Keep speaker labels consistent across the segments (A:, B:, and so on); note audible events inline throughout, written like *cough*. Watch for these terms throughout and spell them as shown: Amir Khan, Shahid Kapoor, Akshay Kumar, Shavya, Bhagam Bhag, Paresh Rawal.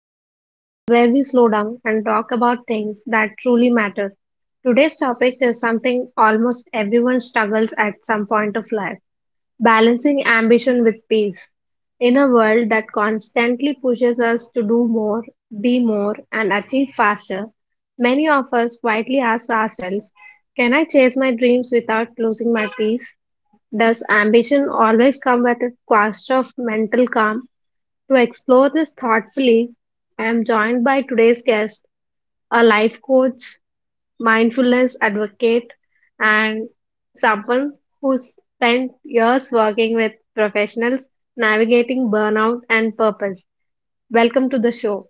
A: the space where we slow down and talk about things that truly matter. Today's topic is something almost everyone struggles at some point of life, balancing ambition with peace. In a world that constantly pushes us to do more, be more, and achieve faster, many of us quietly ask ourselves, can I chase my dreams without losing my peace? Does ambition always come at a cost of mental calm? To explore this thoughtfully, I am joined by today's guest, a life coach, mindfulness advocate, and someone who's spent years working with professionals navigating burnout and purpose. Welcome to the show.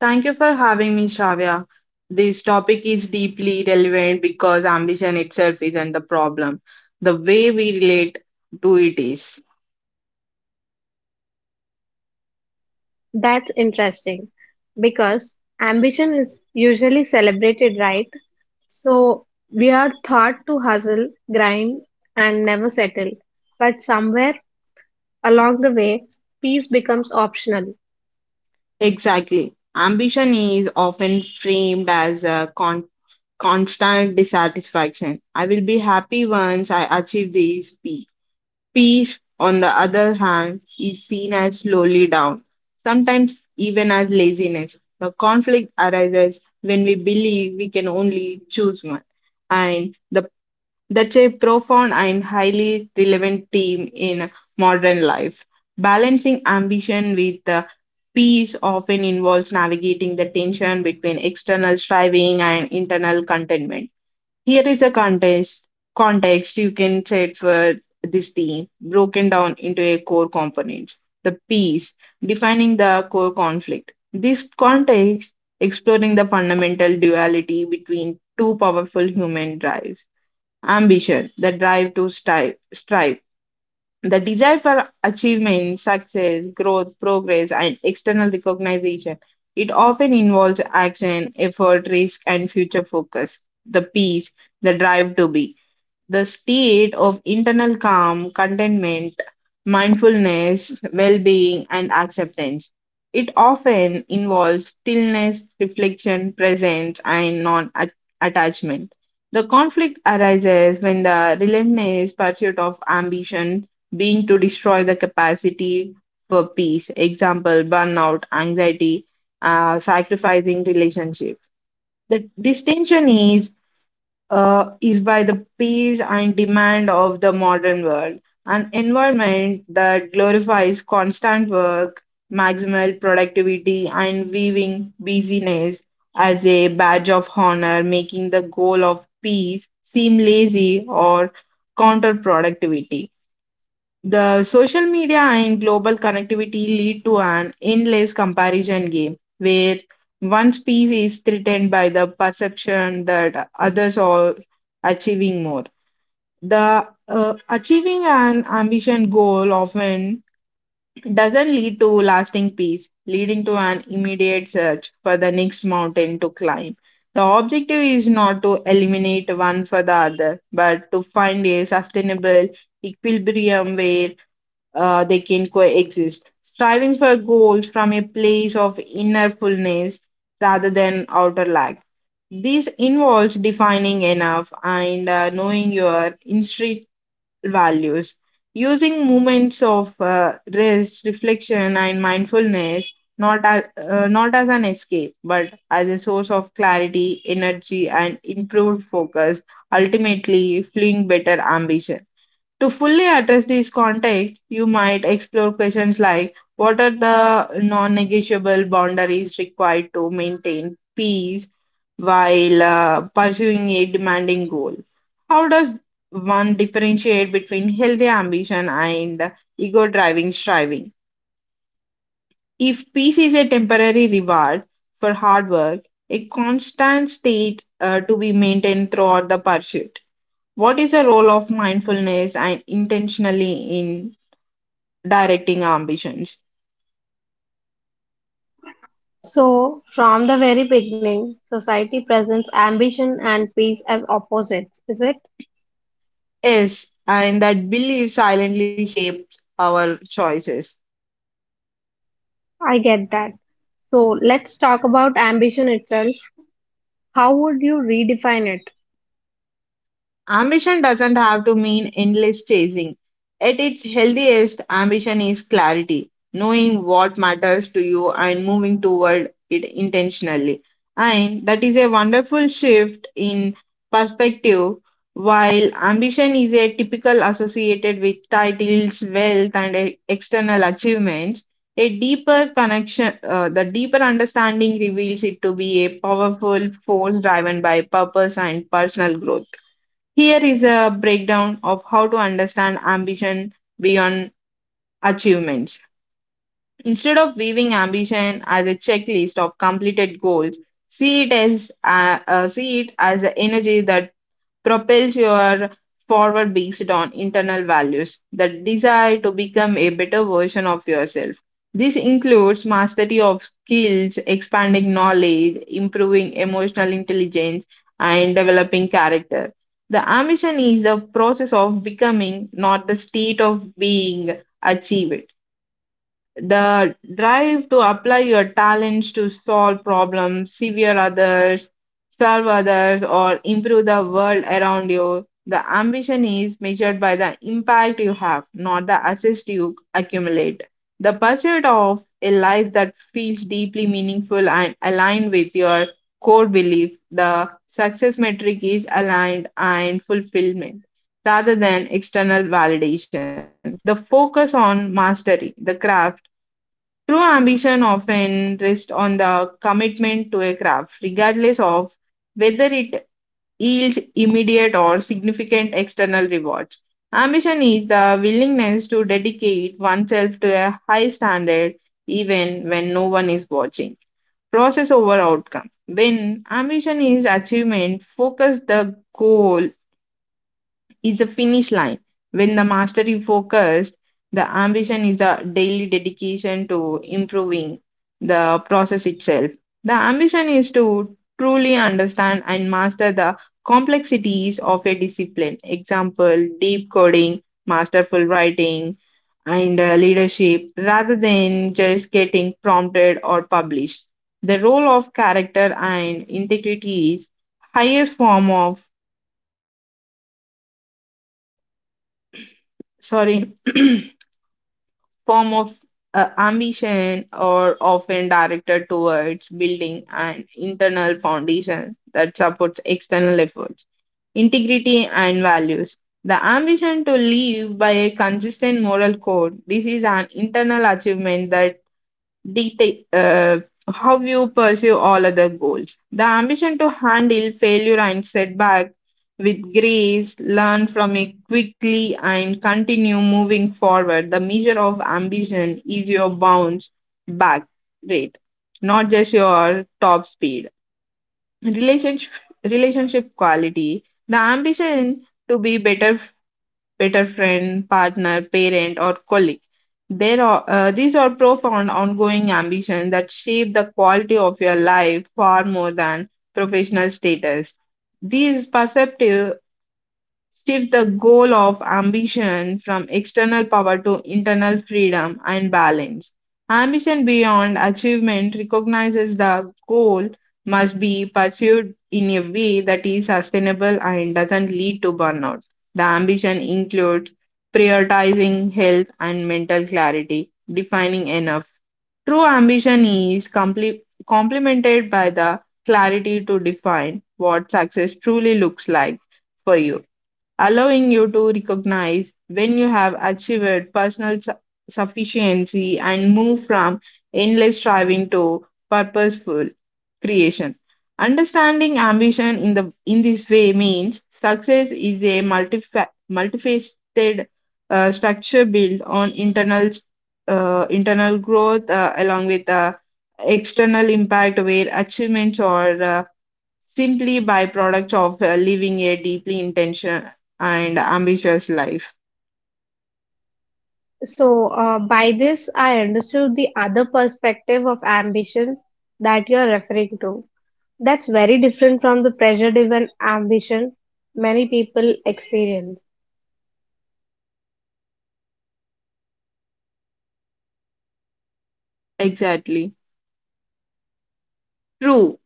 B: Thank you for having me, Shavya. This topic is deeply relevant because ambition itself isn't the problem. The way we relate to it is.
A: That's interesting because ambition is usually celebrated, right? So we are taught to hustle, grind, and never settle. But somewhere along the way, peace becomes optional.
B: Exactly. Ambition is often framed as constant dissatisfaction. I will be happy once I achieve this peak. Peace, on the other hand, is seen as slowly down, sometimes even as laziness. The conflict arises when we believe we can only choose one. And the, that's a profound and highly relevant theme in modern life. Balancing ambition with peace often involves navigating the tension between external striving and internal contentment. Here is a context you can set for this theme, broken down into a core component. The piece defining the core conflict. This context exploring the fundamental duality between two powerful human drives. Ambition, the drive to strive, the desire for achievement, success, growth, progress, and external recognition. It often involves action, effort, risk, and future focus. The peace, the drive to be. The state of internal calm, contentment, mindfulness, well being, and acceptance. It often involves stillness, reflection, presence, and non attachment. The conflict arises when the relentless pursuit of ambition being to destroy the capacity for peace, example, burnout, anxiety, sacrificing relationship. The distinction is by the pace and demand of the modern world, an environment that glorifies constant work, maximal productivity, and viewing busyness as a badge of honor, making the goal of peace seem lazy or counterproductive. The social media and global connectivity lead to an endless comparison game where one species is threatened by the perception that others are achieving more. The achieving an ambition goal often doesn't lead to lasting peace, leading to an immediate search for the next mountain to climb. The objective is not to eliminate one for the other, but to find a sustainable equilibrium where they can coexist, striving for goals from a place of inner fullness rather than outer lack. This involves defining enough and knowing your intrinsic values. Using moments of rest, reflection, and mindfulness not as, not as an escape, but as a source of clarity, energy, and improved focus, ultimately fueling better ambition. To fully address these contexts, you might explore questions like what are the non negotiable boundaries required to maintain peace while pursuing a demanding goal? How does one differentiate between healthy ambition and ego driving striving? If peace is a temporary reward for hard work, a constant state to be maintained throughout the pursuit, what is the role of mindfulness and intentionally in directing ambitions?
A: So, from the very beginning, society presents ambition and peace as opposites, is it?
B: Yes, and that belief silently shapes our choices.
A: I get that. So, let's talk about ambition itself. How would you redefine it?
B: Ambition doesn't have to mean endless chasing. At its healthiest, ambition is clarity, knowing what matters to you and moving toward it intentionally. And that is a wonderful shift in perspective. While ambition is a typical associated with titles, wealth, and external achievements, a deeper connection, the deeper understanding reveals it to be a powerful force driven by purpose and personal growth. Here is a breakdown of how to understand ambition beyond achievements. Instead of viewing ambition as a checklist of completed goals, see it as the energy that propels your forward based on internal values, the desire to become a better version of yourself. This includes mastery of skills, expanding knowledge, improving emotional intelligence, and developing character. The ambition is the process of becoming, not the state of being achieved, the drive to apply your talents to solve problems, serve others, or improve the world around you. The ambition is measured by the impact you have, not the assets you accumulate. The pursuit of a life that feels deeply meaningful and aligned with your core belief, the success metric is aligned and fulfillment rather than external validation, the focus on mastery, the craft. True ambition often rests on the commitment to a craft, regardless of whether it yields immediate or significant external rewards. Ambition is the willingness to dedicate oneself to a high standard even when no one is watching. Process over outcome. When ambition is achievement, focus the goal is a finish line. When the mastery focused, the ambition is a daily dedication to improving the process itself. The ambition is to truly understand and master the complexities of a discipline. Example, deep coding, masterful writing, and leadership, rather than just getting prompted or published. The role of character and integrity is highest form of sorry *clears throat* form of ambition are often directed towards building an internal foundation that supports external efforts, integrity, and values. The ambition to live by a consistent moral code. This is an internal achievement that deta- uh, how you pursue all other goals. The ambition to handle failure and setback with grace, learn from it quickly, and continue moving forward. The measure of ambition is your bounce back rate, not just your top speed. Relationship, relationship quality. The ambition to be better friend, partner, parent, or colleague. These are profound ongoing ambitions that shape the quality of your life far more than professional status. These perceptive shift the goal of ambition from external power to internal freedom and balance. Ambition beyond achievement recognizes the goal must be pursued in a way that is sustainable and doesn't lead to burnout. The ambition includes prioritizing health and mental clarity, defining enough. True ambition is complemented by the clarity to define what success truly looks like for you, allowing you to recognize when you have achieved sufficiency and move from endless striving to purposeful creation. Understanding ambition in this way means success is a multifaceted structure built on internal growth along with external impact where achievements or simply byproduct of living a deeply intentional and ambitious life.
A: So, by this, I understood the other perspective of ambition that you're referring to. That's very different from the pressure driven ambition many people experience.
B: Exactly. True.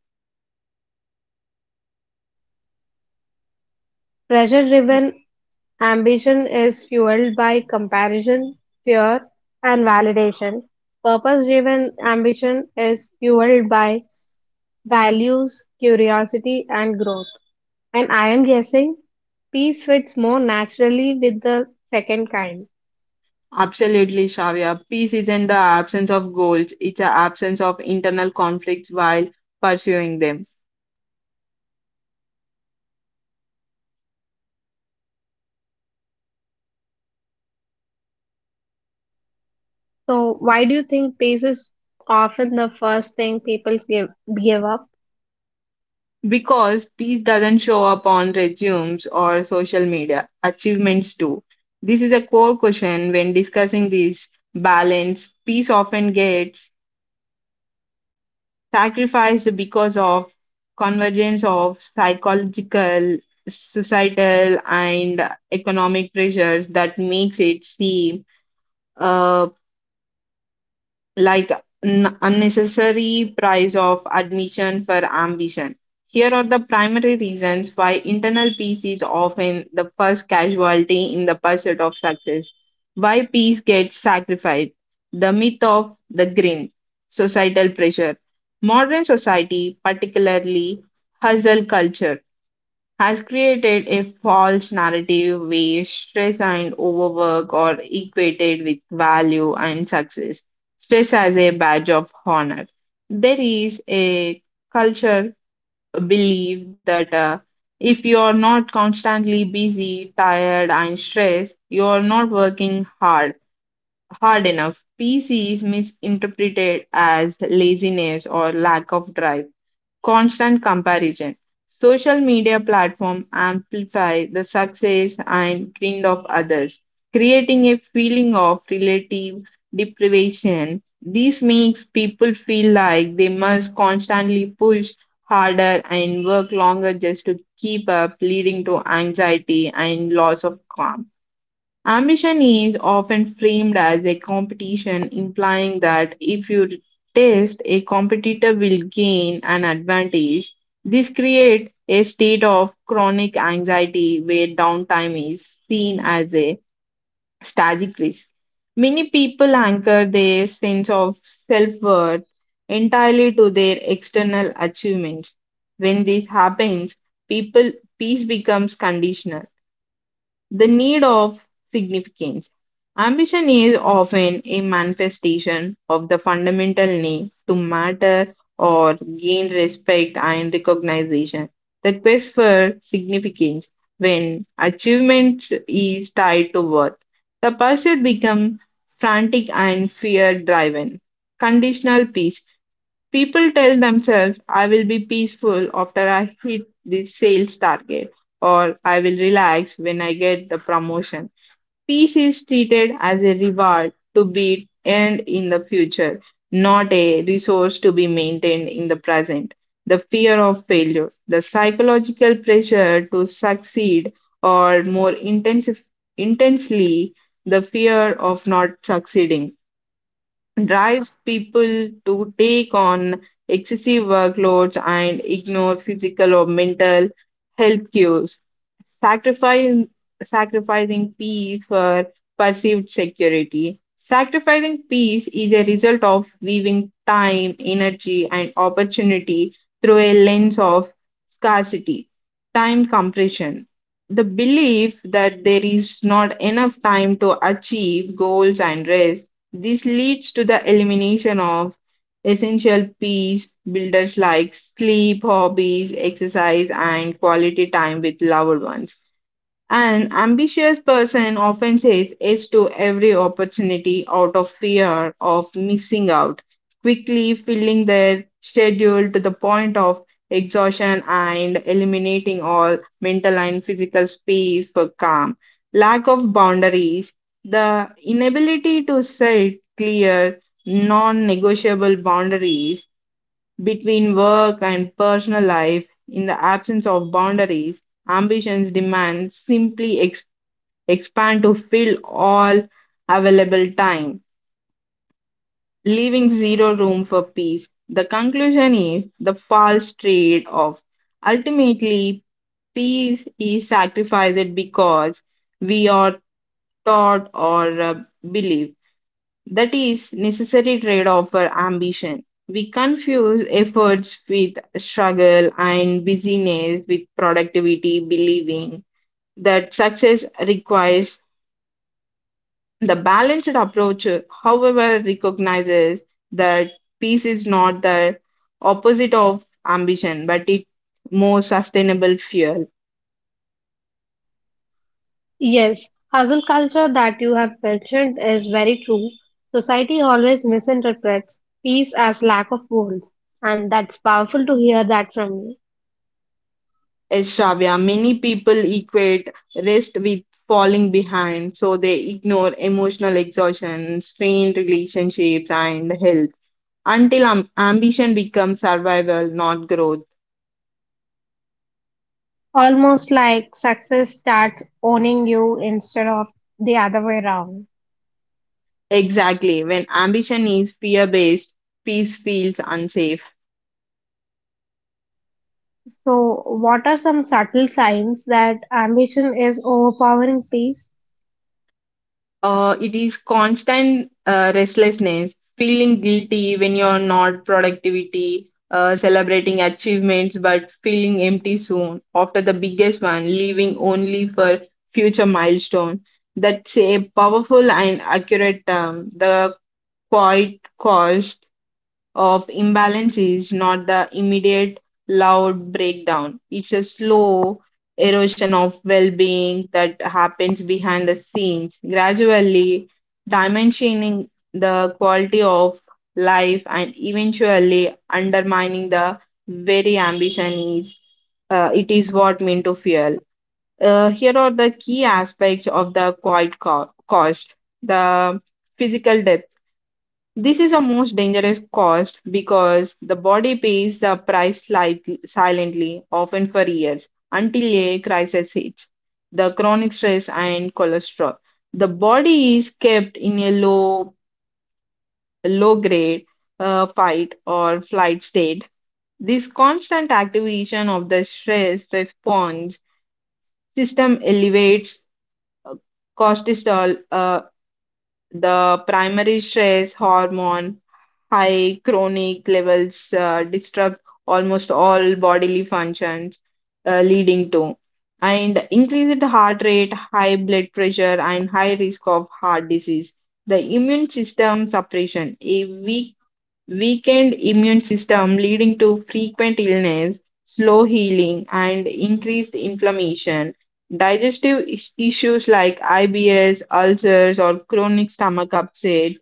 A: Pressure driven ambition is fueled by comparison, fear, and validation. Purpose driven ambition is fueled by values, curiosity, and growth. And I am guessing peace fits more naturally with the second kind.
B: Absolutely, Shavya. Peace isn't the absence of goals, it's the absence of internal conflicts while pursuing them.
A: So, why do you think peace is often the first thing people give up?
B: Because peace doesn't show up on resumes or social media, achievements do. This is a core question when discussing this balance. Peace often gets sacrificed because of convergence of psychological, societal, and economic pressures that makes it seem uh, like unnecessary price of admission for ambition. Here are the primary reasons why internal peace is often the first casualty in the pursuit of success. Why peace gets sacrificed. The myth of the grind, societal pressure. Modern society, particularly hustle culture, has created a false narrative where stress and overwork are equated with value and success. Stress as a badge of honor. There is a culture belief that if you are not constantly busy, tired, and stressed, you are not working hard. Hard enough. PC is misinterpreted as laziness or lack of drive, constant comparison. Social media platforms amplify the success and grind of others, creating a feeling of relative deprivation. This makes people feel like they must constantly push harder and work longer just to keep up, leading to anxiety and loss of calm. Ambition is often framed as a competition, implying that if you test, a competitor will gain an advantage. This creates a state of chronic anxiety where downtime is seen as a strategic risk. Many people anchor their sense of self worth entirely to their external achievements. When this happens, people peace becomes conditional, the need of significance. Ambition is often a manifestation of the fundamental need to matter or gain respect and recognition. The quest for significance, when achievement is tied to worth, the pursuit becomes frantic and fear driven. Conditional peace. People tell themselves, I will be peaceful after I hit this sales target, or I will relax when I get the promotion. Peace is treated as a reward to be earned in the future, not a resource to be maintained in the present. The fear of failure, the psychological pressure to succeed, or more intensely, the fear of not succeeding drives people to take on excessive workloads and ignore physical or mental health cues, sacrificing, sacrificing peace for perceived security. Sacrificing peace is a result of weaving time, energy, and opportunity through a lens of scarcity, time compression. The belief that there is not enough time to achieve goals and rest, this leads to the elimination of essential peace builders like sleep, hobbies, exercise, and quality time with loved ones. An ambitious person often says yes to every opportunity out of fear of missing out, quickly filling their schedule to the point of exhaustion and eliminating all mental and physical space for calm. Lack of boundaries, the inability to set clear, non negotiable boundaries between work and personal life, in the absence of boundaries, ambitions demand simply expand to fill all available time, leaving zero room for peace. The conclusion is the false trade off. Ultimately, peace is sacrificed because we are taught or believe that is necessary trade-off for ambition. We confuse efforts with struggle and busyness with productivity, believing that success requires the balanced approach, however, recognizes that peace is not the opposite of ambition, but it's more sustainable fuel.
A: Yes, hustle culture that you have mentioned is very true. Society always misinterprets peace as lack of goals, and that's powerful to hear that from you.
B: Yes, Shravya, many people equate rest with falling behind, so they ignore emotional exhaustion, strained relationships, and health until ambition becomes survival, not growth.
A: Almost like success starts owning you instead of the other way around.
B: Exactly. When ambition is fear based, peace feels unsafe.
A: So, what are some subtle signs that ambition is overpowering peace?
B: It is constant restlessness, feeling guilty when you're not productivity, celebrating achievements but feeling empty soon after the biggest one, leaving only for future milestone. That's a powerful and accurate term, the quiet cost of imbalance is not the immediate loud breakdown. It's a slow erosion of well being that happens behind the scenes, gradually dimensioning the quality of life and eventually undermining the very ambition is it is what meant to fuel. Here are the key aspects of the quiet cost. The physical depth this is a most dangerous cost because the body pays the price slightly, silently, often for years, until a crisis hits the chronic stress and cholesterol. The body is kept in a low grade fight or flight state. This constant activation of the stress response system elevates uh, cortisol, the primary stress hormone high chronic levels disrupt almost all bodily functions, leading to and increased heart rate, high blood pressure, and high risk of heart disease. The immune system suppression, a weakened immune system leading to frequent illness, slow healing, and increased inflammation. Digestive issues like IBS, ulcers, or chronic stomach upset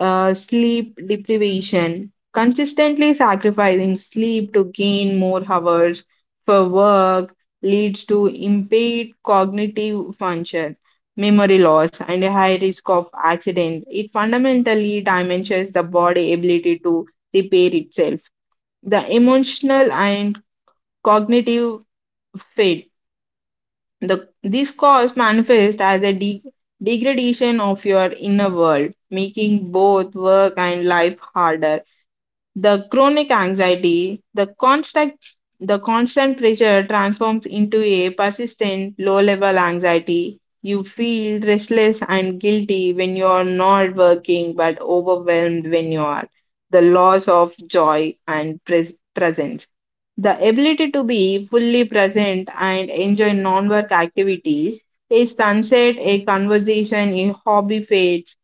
B: sleep deprivation, consistently sacrificing sleep to gain more hours for work leads to impaired cognitive function, memory loss, and a high risk of accidents. It fundamentally diminishes the body ability to repair itself. The emotional and cognitive fit. This cause manifests as a degradation of your inner world, making both work and life harder. The chronic anxiety, the constant pressure transforms into a persistent low-level anxiety. You feel restless and guilty when you are not working, but overwhelmed when you are. The loss of joy and presence. The ability to be fully present and enjoy non work activities, a sunset, a conversation, a hobby fades,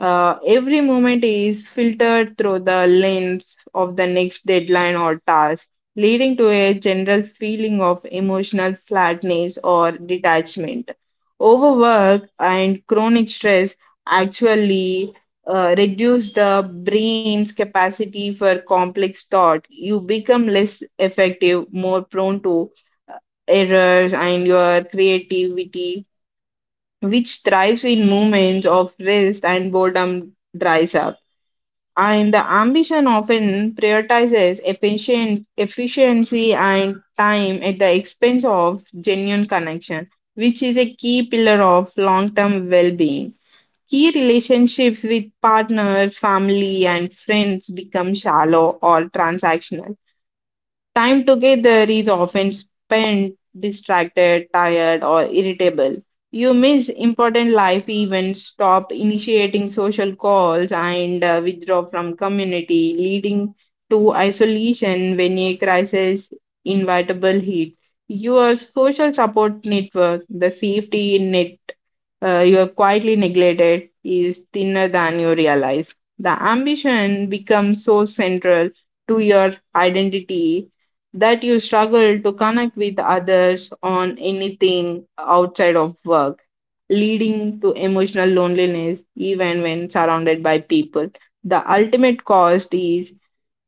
B: every moment is filtered through the lens of the next deadline or task, leading to a general feeling of emotional flatness or detachment. Overwork and chronic stress actually reduce the brain's capacity for complex thought. You become less effective, more prone to errors, and your creativity, which thrives in moments of rest and boredom, dries up and the ambition often prioritizes efficiency and time at the expense of genuine connection, which is a key pillar of long term well being. Key relationships with partners, family, and friends become shallow or transactional. Time together is often spent distracted, tired, or irritable. You miss important life events, stop initiating social calls, and withdraw from community, leading to isolation when a crisis inevitable hits. Your social support network, the safety net you are quietly neglected is thinner than you realize. The ambition becomes so central to your identity that you struggle to connect with others on anything outside of work, leading to emotional loneliness even when surrounded by people. The ultimate cost is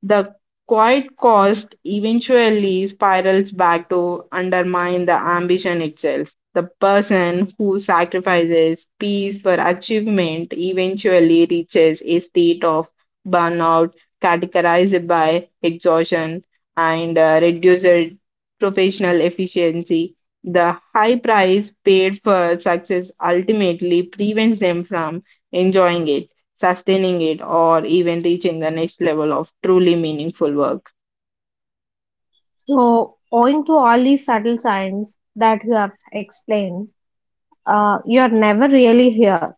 B: the quiet cost eventually spirals back to undermine the ambition itself. The person who sacrifices peace for achievement eventually reaches a state of burnout categorized by exhaustion and reduced professional efficiency. The high price paid for success ultimately prevents them from enjoying it sustaining it, or even reaching the next level of truly meaningful work.
A: So, owing to all these subtle signs that you have explained, you're never really here.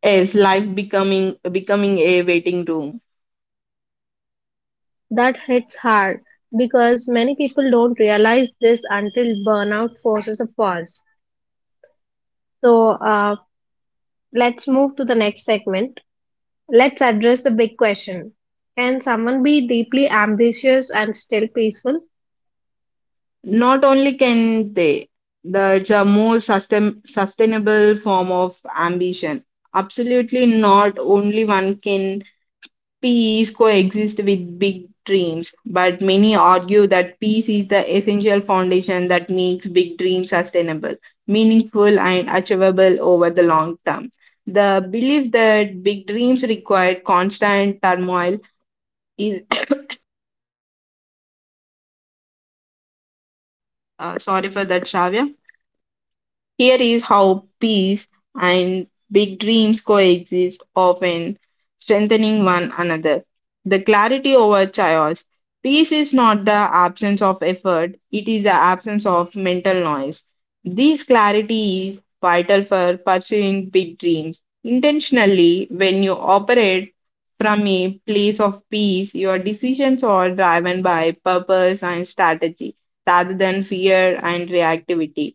B: Is life becoming a waiting room?
A: That hits hard because many people don't realize this until burnout forces a pause. So let's move to the next segment. Let's address the big question. Can someone be deeply ambitious and still peaceful?
B: Not only can they, that's a more sustainable form of ambition. Absolutely not only one can Peas coexist with big dreams, but many argue that peace is the essential foundation that makes big dreams sustainable, meaningful, and achievable over the long term. The belief that big dreams require constant turmoil is *coughs* sorry for that, Shravya. Here is how peace and big dreams coexist, often strengthening one another. The clarity over chaos. Peace is not the absence of effort, it is the absence of mental noise. This clarity is vital for pursuing big dreams. Intentionally, when you operate from a place of peace, your decisions are driven by purpose and strategy rather than fear and reactivity.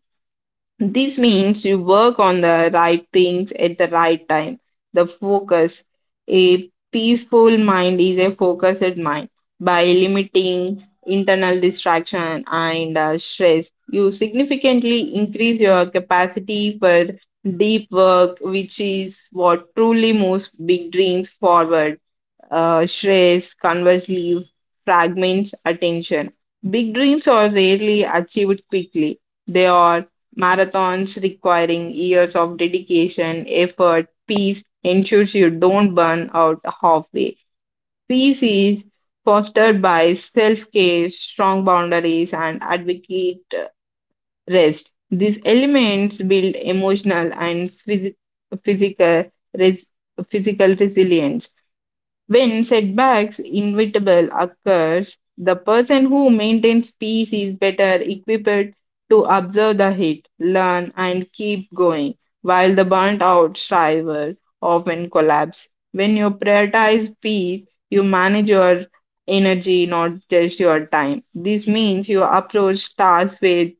B: This means you work on the right things at the right time. The focus. A peaceful mind is a focused mind. By limiting internal distraction and stress, you significantly increase your capacity for deep work, which is what truly moves big dreams forward shreds, conversely, fragments attention. Big dreams are rarely achieved quickly. They are marathons requiring years of dedication, effort, peace ensures you don't burn out halfway. Peace is fostered by self care, strong boundaries, and advocate rest. These elements build emotional and physical, res- physical resilience. When setbacks inevitable occurs, the person who maintains peace is better equipped to observe the hit, learn and keep going, while the burnt out striver often collapse. When you prioritize peace, you manage your energy, not just your time. This means you approach tasks with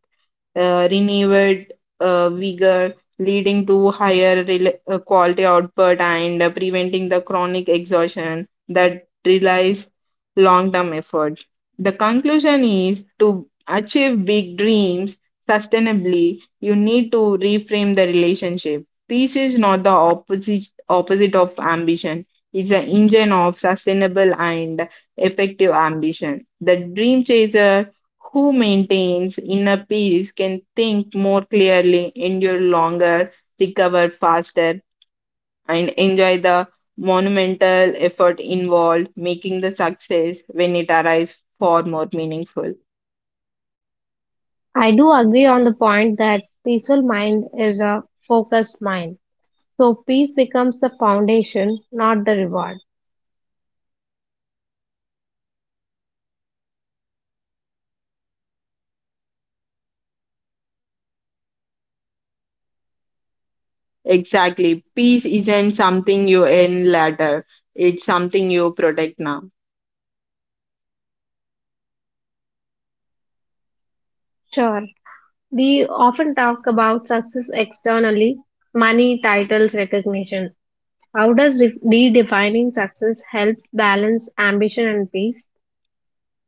B: renewed vigor, leading to higher quality output and preventing the chronic exhaustion that relies long-term effort. The conclusion is to achieve big dreams sustainably, you need to reframe the relationship. Peace is not the opposite of ambition. It's an engine of sustainable and effective ambition. The dream chaser who maintains inner peace can think more clearly, endure longer, recover faster, and enjoy the monumental effort involved, making the success when it arrives far more meaningful.
A: I do agree on the point that peaceful mind is a focused mind. So peace becomes the foundation, not the reward.
B: Exactly. Peace isn't something you earn later, it's something you protect now.
A: Sure. We often talk about success externally, money, titles, recognition. How does redefining success helps balance ambition and peace?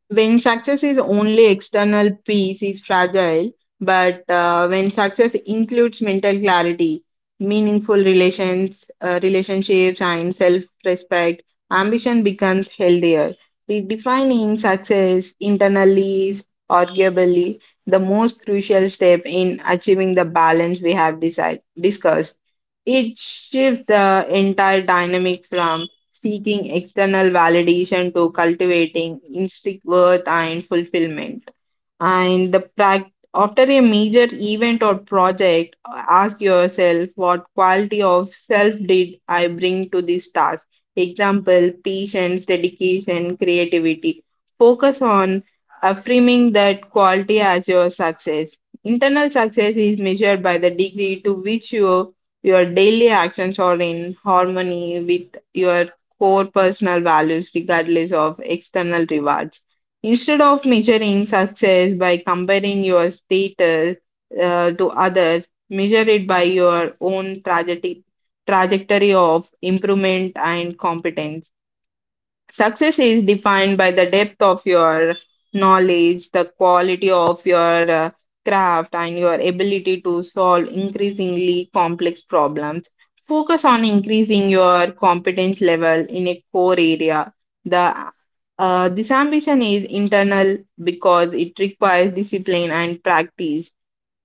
B: When success is only external, peace is fragile. But when success includes mental clarity, meaningful relationships, and self-respect, ambition becomes healthier. Redefining success internally is arguably the most crucial step in achieving the balance we have discussed. It shifts the entire dynamic from seeking external validation to cultivating intrinsic worth and fulfillment. And the prac after a major event or project, ask yourself what quality of self did I bring to this task? Example, patience, dedication, creativity. Focus on affirming that quality as your success. Internal success is measured by the degree to which your daily actions are in harmony with your core personal values, regardless of external rewards. Instead of measuring success by comparing your status to others, measure it by your own trajectory of improvement and competence. Success is defined by the depth of your knowledge, the quality of your craft, and your ability to solve increasingly complex problems. Focus on increasing your competence level in a core area. The this ambition is internal because it requires discipline and practice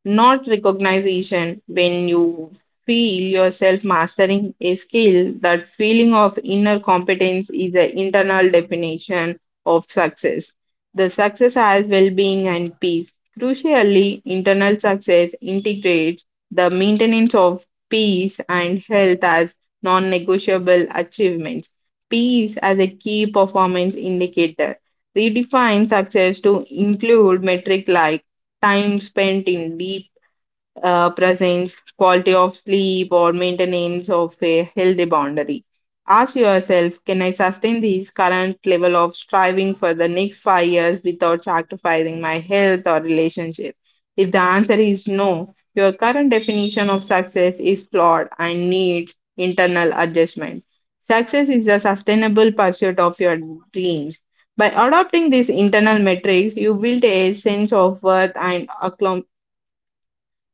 B: not recognition when you feel yourself mastering a skill that feeling of inner competence is the internal definition of success the success has well-being and peace crucially internal success integrates the maintenance of peace and health as non-negotiable achievements peace as a key performance indicator redefine success to include metric like time spent in deep presence, quality of sleep, or maintenance of a healthy boundary. Ask yourself can I sustain this current level of striving for the next 5 years without sacrificing my health or relationship? If the answer is no, your current definition of success is flawed and needs internal adjustment. Success is a sustainable pursuit of your dreams. By adopting these internal metrics, you build a sense of worth and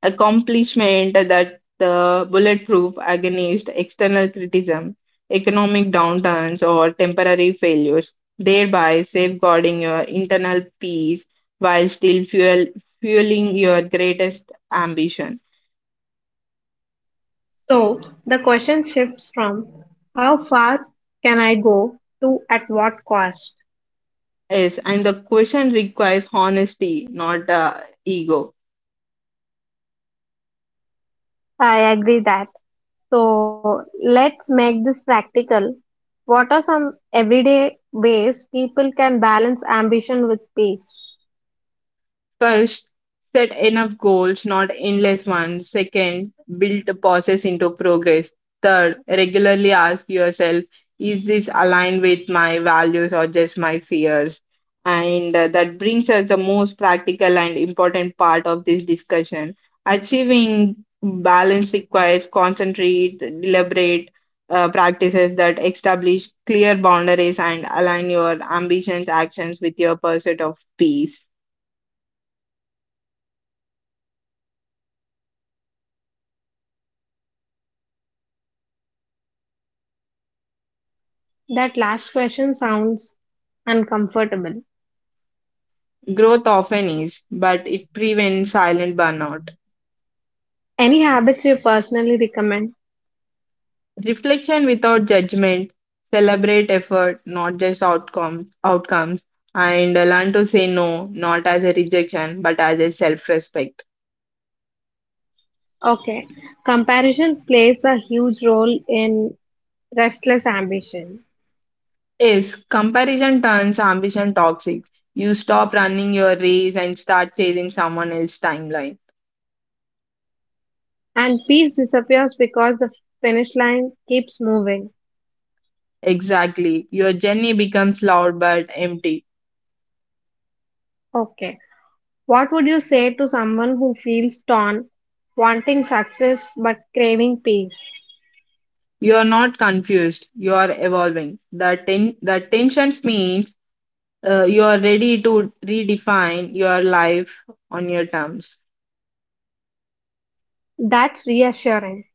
B: accomplishment that the bulletproof against external criticism, economic downturns, or temporary failures, thereby safeguarding your internal peace while still fueling your greatest ambition.
A: So the question shifts from how far can I go to at what cost?
B: Yes, and the question requires honesty, not ego.
A: I agree that. So let's make this practical. What are some everyday ways people can balance ambition with peace?
B: First, set enough goals, not endless ones. Second, build the process into progress. Third, regularly ask yourself, is this aligned with my values or just my fears? And that brings us the most practical and important part of this discussion. Achieving balance requires deliberate practices that establish clear boundaries and align your ambitions, actions with your pursuit of peace.
A: That last question sounds uncomfortable.
B: Growth often is, but it prevents silent burnout.
A: Any habits you personally recommend?
B: Reflection without judgment, celebrate effort, not just outcomes, and learn to say no, not as a rejection, but as a self respect.
A: Okay, comparison plays a huge role in restless ambition.
B: Is comparison turns ambition toxic. You stop running your race and start chasing someone else's timeline.
A: And peace disappears because the finish line keeps moving.
B: Exactly. Your journey becomes loud but empty.
A: Okay. What would you say to someone who feels torn, wanting success but craving peace?
B: You are not confused, you are evolving. The tensions means you are ready to redefine your life on your terms.
A: That's reassuring.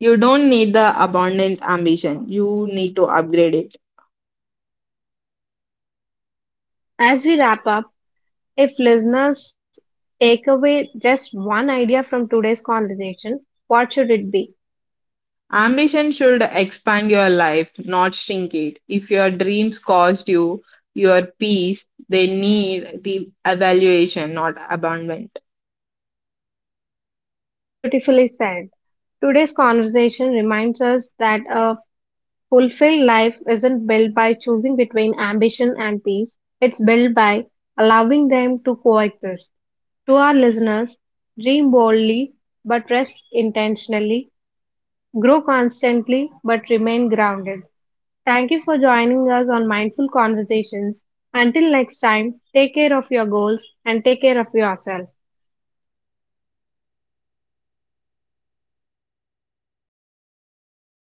B: You don't need the abundant ambition, you need to upgrade it.
A: As we wrap up, if listeners take away just one idea from today's conversation, what should it be?
B: Ambition should expand your life, not shrink it. If your dreams cost you your peace, they need the evaluation, not abandonment.
A: Beautifully said. Today's conversation reminds us that a fulfilled life isn't built by choosing between ambition and peace, it's built by allowing them to coexist. To our listeners, dream boldly but rest intentionally, grow constantly but remain grounded. Thank you for joining us on Mindful Conversations. Until next time, take care of your goals and take care of yourself.